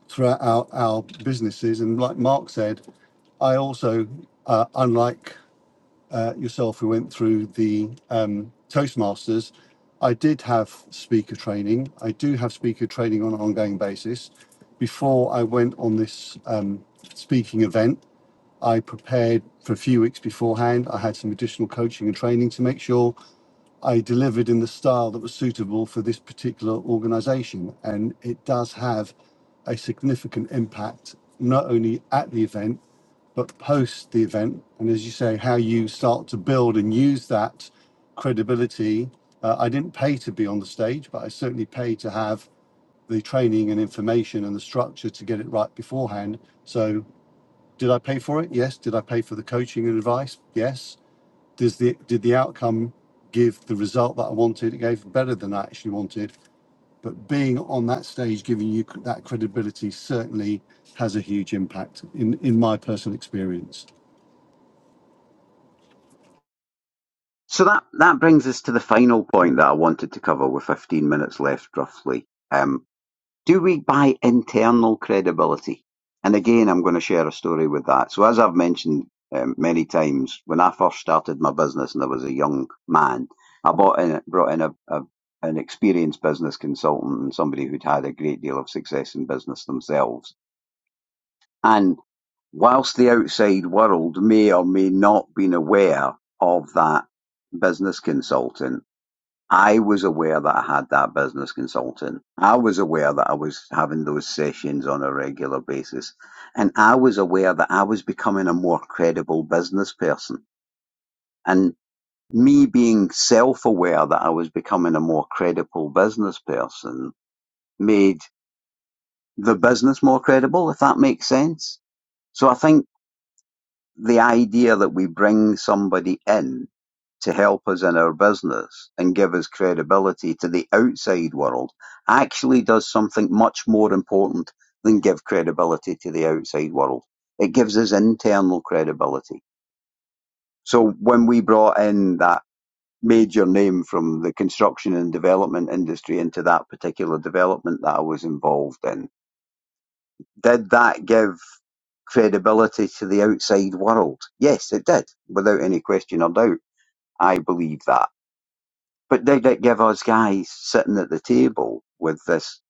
Speaker 3: throughout our, our businesses. And like Mark said, I also, uh, unlike uh, yourself who went through the um, Toastmasters, I did have speaker training. I do have speaker training on an ongoing basis. Before I went on this um, speaking event, I prepared for a few weeks beforehand. I had some additional coaching and training to make sure I delivered in the style that was suitable for this particular organization. And it does have a significant impact, not only at the event, but post the event. And as you say, how you start to build and use that credibility. Uh, I didn't pay to be on the stage, but I certainly paid to have the training and information and the structure to get it right beforehand. So, did I pay for it? Yes. Did I pay for the coaching and advice? Yes. Does the did the outcome give the result that I wanted? It gave better than I actually wanted. But being on that stage, giving you that credibility, certainly has a huge impact in in my personal experience.
Speaker 2: So that, that brings us to the final point that I wanted to cover with 15 minutes left roughly. Um, do we buy internal credibility? And again, I'm going to share a story with that. So, as I've mentioned um, many times, when I first started my business and I was a young man, I bought in, brought in a, a, an experienced business consultant and somebody who'd had a great deal of success in business themselves. And whilst the outside world may or may not been aware of that business consultant, I was aware that I had that business consultant. I was aware that I was having those sessions on a regular basis. And I was aware that I was becoming a more credible business person. And me being self aware that I was becoming a more credible business person made the business more credible, if that makes sense. So I think the idea that we bring somebody in to help us in our business and give us credibility to the outside world actually does something much more important than give credibility to the outside world. It gives us internal credibility. So when we brought in that major name from the construction and development industry into that particular development that I was involved in, did that give credibility to the outside world? Yes, it did, without any question or doubt. I believe that. But did it give us guys sitting at the table with this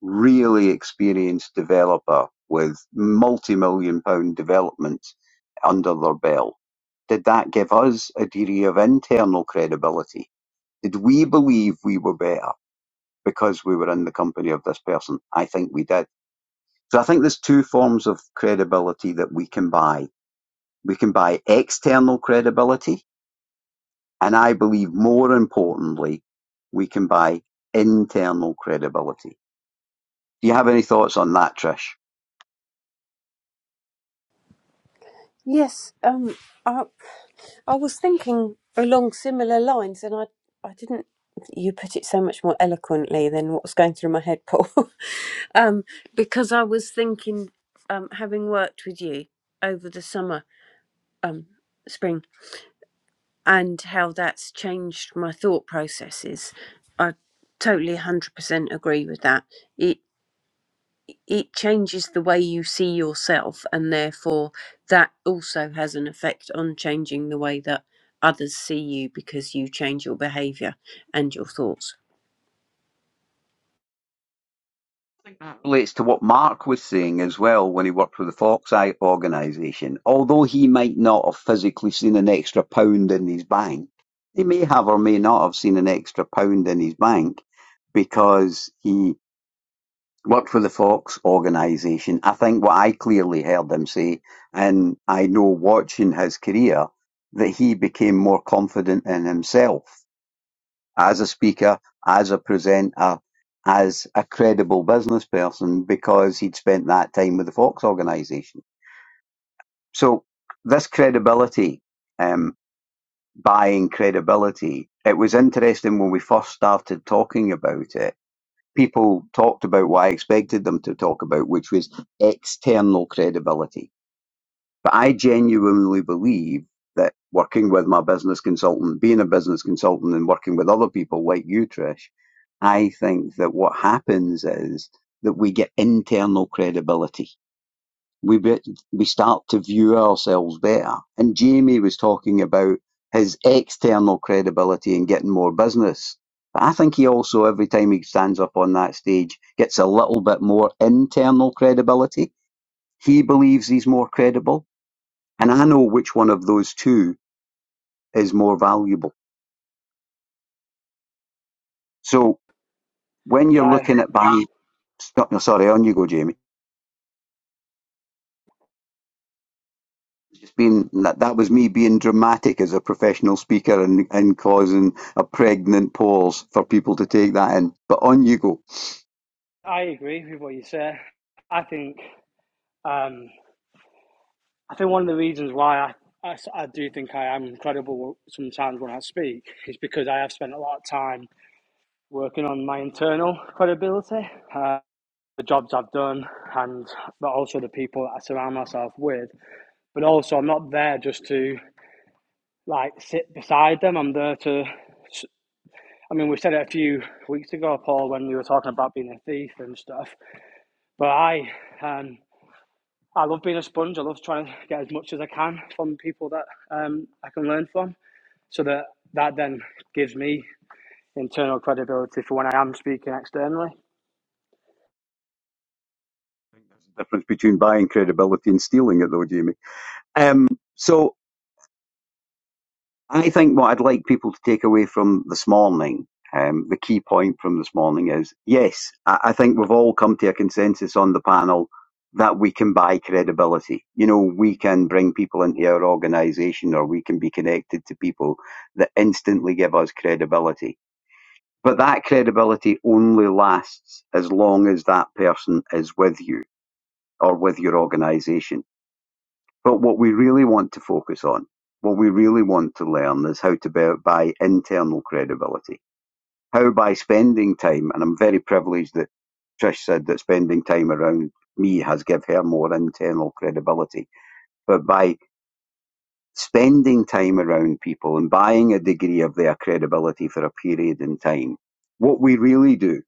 Speaker 2: really experienced developer with multi million pound developments under their belt? Did that give us a degree of internal credibility? Did we believe we were better because we were in the company of this person? I think we did. So I think there's two forms of credibility that we can buy. We can buy external credibility, And I believe more importantly, we can buy internal credibility. Do you have any thoughts on that, Trish?
Speaker 1: Yes, um, I, I was thinking along similar lines, and I, I didn't. You put it so much more eloquently than what was going through my head, Paul. um, because I was thinking, um, having worked with you over the summer, um, spring, and how that's changed my thought processes. I totally, hundred percent agree with that. It it changes the way you see yourself and therefore that also has an effect on changing the way that others see you because you change your behavior and your thoughts
Speaker 2: It Relates to what Mark was saying as well when he worked with the Fox Eye organisation. Although he might not have physically seen an extra pound in his bank, he may have or may not have seen an extra pound in his bank because he worked for the Fox organization. I think what I clearly heard him say, and I know watching his career, that he became more confident in himself as a speaker, as a presenter, as a credible business person because he'd spent that time with the Fox organization. So this credibility, um, buying credibility, it was interesting when we first started talking about it people talked about what I expected them to talk about, which was external credibility. But I genuinely believe that working with my business consultant, being a business consultant, and working with other people like you, Trish, I think that what happens is that we get internal credibility we bet we start to view ourselves better. And Jamie was talking about his external credibility and getting more business. But I think he also, every time he stands up on that stage, gets a little bit more internal credibility. He believes he's more credible. And I know which one of those two is more valuable. So when
Speaker 7: Yeah,
Speaker 2: you're
Speaker 7: I,
Speaker 2: looking at buying, no, sorry, on you go, Jamie. just being that that was me being dramatic as a professional speaker and, and causing a pregnant pause for people to take that in. But on you go.
Speaker 7: I agree with what you say. I think um, I think one of the reasons why I I, I do think I am credible sometimes when I speak is because I have spent a lot of time working on my internal credibility, uh, the jobs I've done, and but also the people that I surround myself with. But also, I'm not there just to like sit beside them. I'm there to. I mean, we said it a few weeks ago, Paul, when we were talking about being a thief and stuff. But I, um, I love being a sponge. I love trying to get as much as I can from people that um, I can learn from, so that that then gives me internal credibility for when I am speaking externally.
Speaker 2: I think there's a difference between buying credibility and stealing it, though, Jamie. Um, so I think what I'd like people to take away from this morning, um, the key point from this morning is yes, I, I think we've all come to a consensus on the panel that we can buy credibility. You know, we can bring people into our organisation or we can be connected to people that instantly give us credibility. But that credibility only lasts as long as that person is with you or with your organisation. But what we really want to focus on, what we really want to learn is how to bu- buy internal credibility. How by spending time, and I'm very privileged that Trish said that spending time around me has give her more internal credibility, but by spending time around people and buying a degree of their credibility for a period in time, what we really do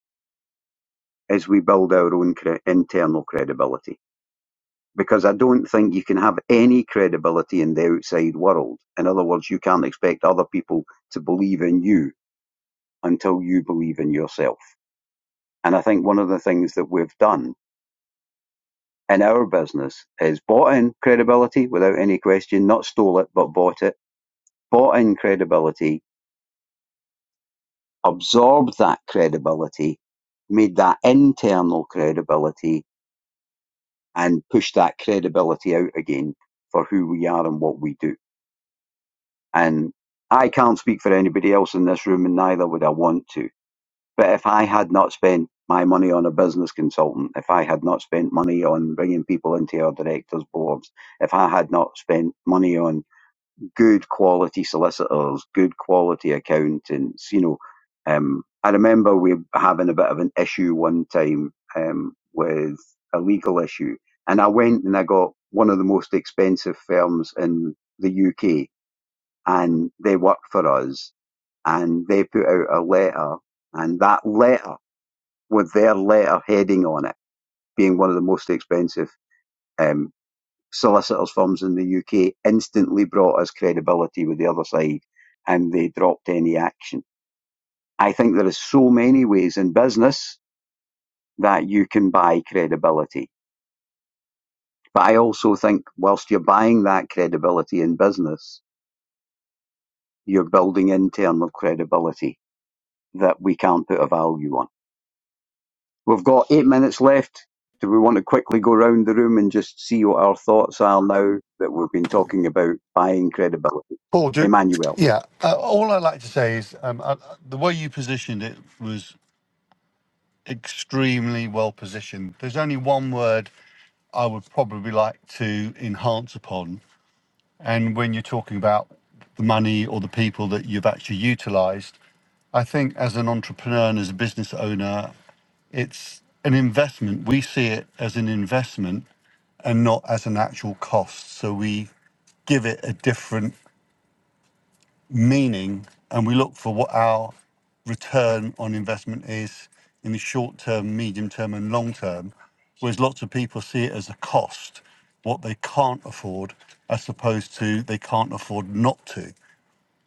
Speaker 2: is we build our own cre- internal credibility because I don't think you can have any credibility in the outside world. In other words, you can't expect other people to believe in you until you believe in yourself. And I think one of the things that we've done in our business is bought in credibility without any question, not stole it, but bought it, bought in credibility, absorbed that credibility, made that internal credibility, and pushed that credibility out again for who we are and what we do And I can't speak for anybody else in this room, and neither would I want to. But if I had not spent my money on a business consultant, if I had not spent money on bringing people into our directors' boards, if I had not spent money on good quality solicitors, good quality accountants, you know, um, I remember we having a bit of an issue one time um, with a legal issue, and I went and I got one of the most expensive firms in the UK and they work for us and they put out a letter and that letter with their letter heading on it being one of the most expensive um, solicitors firms in the UK instantly brought us credibility with the other side and they dropped any action. I think there is so many ways in business that you can buy credibility. But I also think whilst you're buying that credibility in business, you're building internal credibility that we can't put a value on. We've got eight minutes left. Do we want to quickly go round the room and just see what our thoughts are now that we've been talking about buying credibility?
Speaker 3: Paul, do,
Speaker 2: Emmanuel.
Speaker 3: yeah, uh, all I'd like to say is um, uh, the way you positioned it was extremely well positioned. There's only one word I would probably like to enhance upon. And when you're talking about the money or the people that you've actually utilized, I think as an entrepreneur and as a business owner, it's an investment. We see it as an investment and not as an actual cost. So we give it a different meaning and we look for what our return on investment is in the short term, medium term, and long term. Whereas lots of people see it as a cost, what they can't afford, as opposed to they can't afford not to.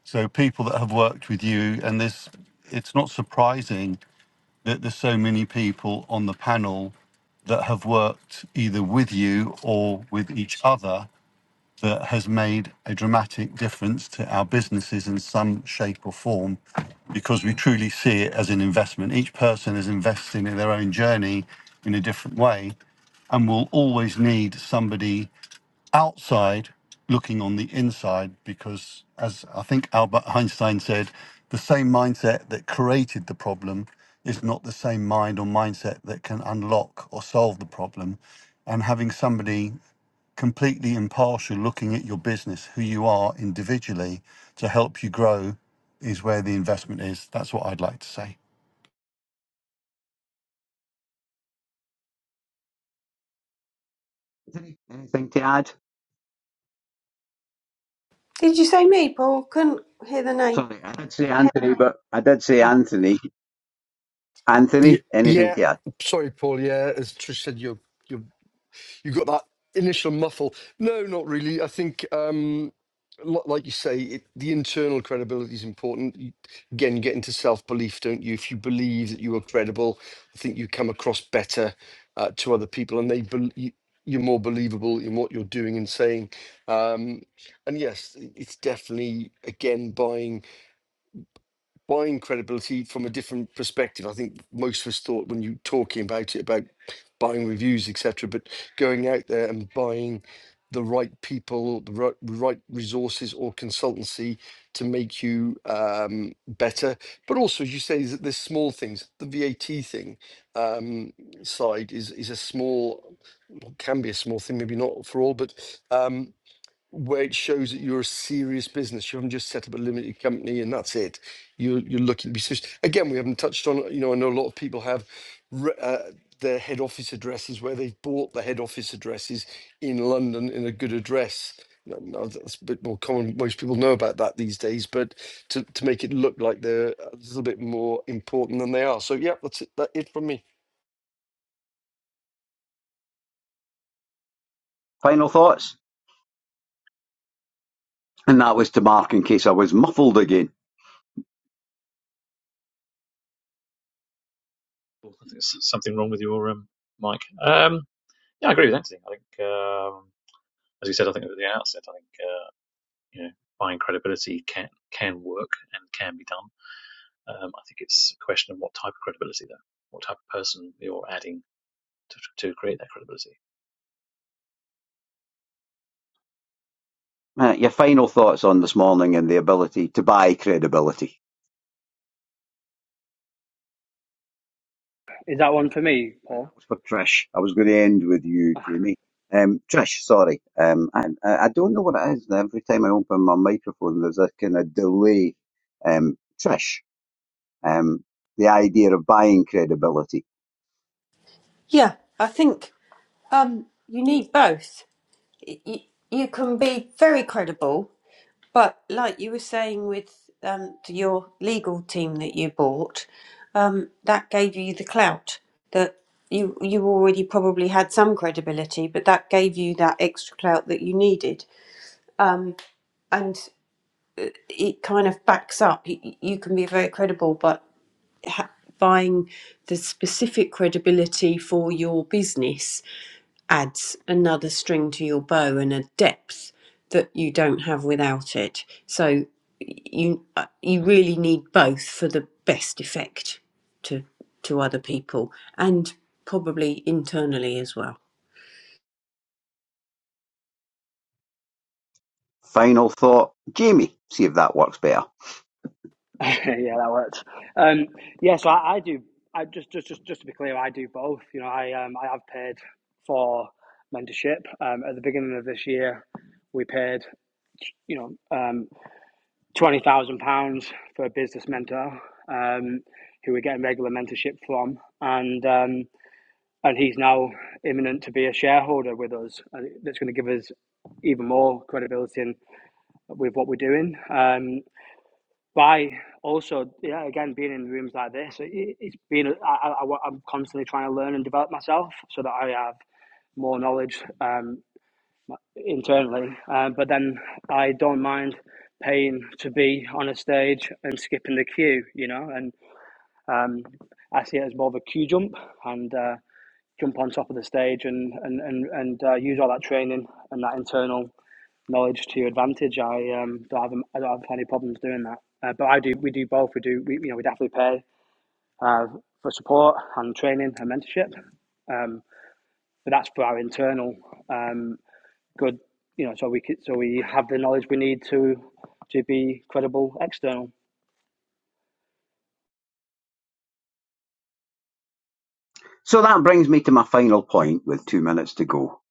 Speaker 3: So people that have worked with you, and this, it's not surprising that there's so many people on the panel that have worked either with you or with each other that has made a dramatic difference to our businesses in some shape or form because we truly see it as an investment. Each person is investing in their own journey in a different way and will always need somebody outside looking on the inside because, as I think Albert Einstein said, the same mindset that created the problem is not the same mind or mindset that can unlock or solve the problem. And having somebody completely impartial looking at your business, who you are individually to help you grow is where the investment is. That's what I'd like to say.
Speaker 2: anything to add?
Speaker 1: Did you say me, Paul? Couldn't hear the name.
Speaker 2: Sorry, I did say Anthony, but I did say
Speaker 1: Oh.
Speaker 2: Anthony.
Speaker 5: Ye-
Speaker 2: Anthony, anything
Speaker 5: Yeah,
Speaker 2: to add?
Speaker 5: sorry, Paul. Yeah, as Trish said, you you you got that initial muffle. No, not really. I think, um, lo- like you say, it, the internal credibility is important. You, again, you get into self belief, don't you? If you believe that you are credible, I think you come across better uh, to other people, and they bel you, you're more believable in what you're doing and saying. Um, and yes, it's definitely again buying buying credibility from a different perspective. I think most of us thought when you talking about it about buying reviews, etc., but going out there and buying the right people, the right, right resources or consultancy to make you um, better. But also, as you say, is that there's small things. The VAT thing um, side is is a small, well, can be a small thing, maybe not for all, but. Um, where it shows that you're a serious business. You haven't just set up a limited company and that's it. You're you're looking to be serious. Again, we haven't touched on. You know, I know a lot of people have re- uh, their head office addresses where they've bought the head office addresses in London in a good address. No, no, that's a bit more common. Most people know about that these days, but to, to make it look like they're a little bit more important than they are. So, yeah, that's it. That it from me.
Speaker 2: Final thoughts? And that was to Mark in case I was muffled again.
Speaker 6: I think there's something wrong with your um, mic. Um, yeah, I agree with Anthony. I think. Um, as you said, I think at the outset, I think uh, you know buying credibility can can work and can be done. Um, I think it's a question of what type of credibility, though, what type of person you're adding to, to create that credibility.
Speaker 2: Uh, your final thoughts on this morning and the ability to buy credibility.
Speaker 7: Is that one for me,
Speaker 2: That
Speaker 7: Paul?
Speaker 2: was for Trish. I was going to end with you,
Speaker 7: yeah,
Speaker 2: Jamie. Um, Trish, sorry. Um, and I I don't know what it is. Every time I open my microphone, there's a kind of delay. Um, Trish, um, the idea of buying credibility.
Speaker 1: Yeah, I think um, you need both. Y- y- You can be very credible But like you were saying with um, to your legal team that you bought, um, that gave you the clout that you you already probably had some credibility, but that gave you that extra clout that you needed. Um, and it kind of backs up. You, you can be very credible, but ha- buying the specific credibility for your business adds another string to your bow and a depth that you don't have without it. So you uh, you really need both for the best effect to to other people and probably internally as well.
Speaker 2: Final thought, Jamie, see if that works better.
Speaker 7: that works. Um, yeah, so I, I do. I just, just, just, just to be clear, I do both. You know, I, um, I have paid for mentorship. Um, at the beginning of this year, we paid, you know, um, twenty thousand pounds for a business mentor um, who we're getting regular mentorship from, and um, and he's now imminent to be a shareholder with us. And that's going to give us even more credibility in, with what we're doing. Um, by also, yeah, again, being in rooms like this, it, it's been I, I, I- am constantly trying to learn and develop myself so that I have more knowledge. Um, internally. Uh, but then I don't mind paying to be on a stage and skipping the queue, you know. And um, I see it as more of a queue jump and uh, jump on top of the stage and and and, and uh, use all that training and that internal knowledge to your advantage. I um, don't have I don't have any problems doing that. Uh, but I do. We do both. We do. We, you know, we definitely pay uh, for support and training and mentorship. Um, but that's for our internal. Um, good, you know, so we could, so we have the knowledge we need to to be credible external.
Speaker 2: So that brings me to my final point with two minutes to go.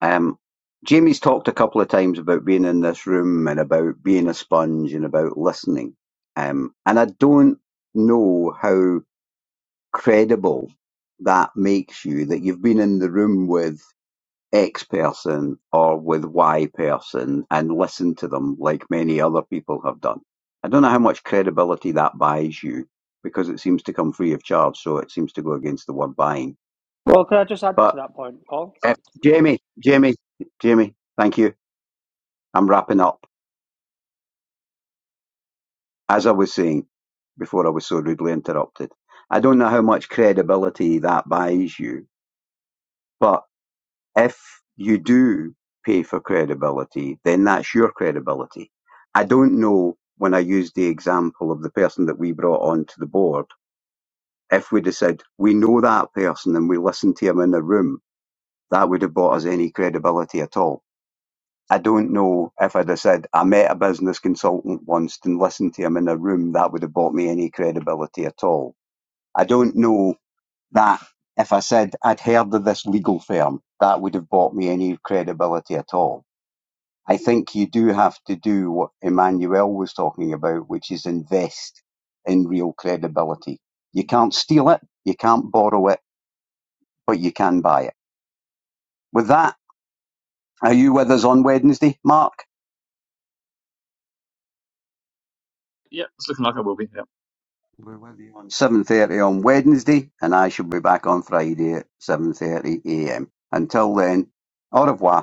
Speaker 2: Um, Jamie's talked a couple of times about being in this room and about being a sponge and about listening. Um, and I don't know how credible that makes you that you've been in the room with X person or with Y person and listened to them like many other people have done. I don't know how much credibility that buys you because it seems to come free of charge, so it seems to go against the word buying.
Speaker 7: Well, could I just add to
Speaker 2: But
Speaker 7: that point, Paul?
Speaker 2: if, Jamie, Jamie, Jamie, thank you. I'm wrapping up. As I was saying before I was so rudely interrupted, I don't know how much credibility that buys you, but If you do pay for credibility, then that's your credibility. I don't know when I used the example of the person that we brought onto the board, if we'd have said, we know that person and we listened to him in a room, that would have bought us any credibility at all. I don't know if I'd have said, I met a business consultant once and listened to him in a room, that would have bought me any credibility at all. I don't know that if I said I'd heard of this legal firm, that would have bought me any credibility at all. I think you do have to do what Emmanuel was talking about, which is invest in real credibility. You can't steal it, you can't borrow it, but you can buy it. With that, are you with us on Wednesday, Mark?
Speaker 6: Yeah, it's looking like I will be. Yeah.
Speaker 2: We're with you on 7.30 on Wednesday, and I shall be back on Friday at 7.30am. Until then, au revoir.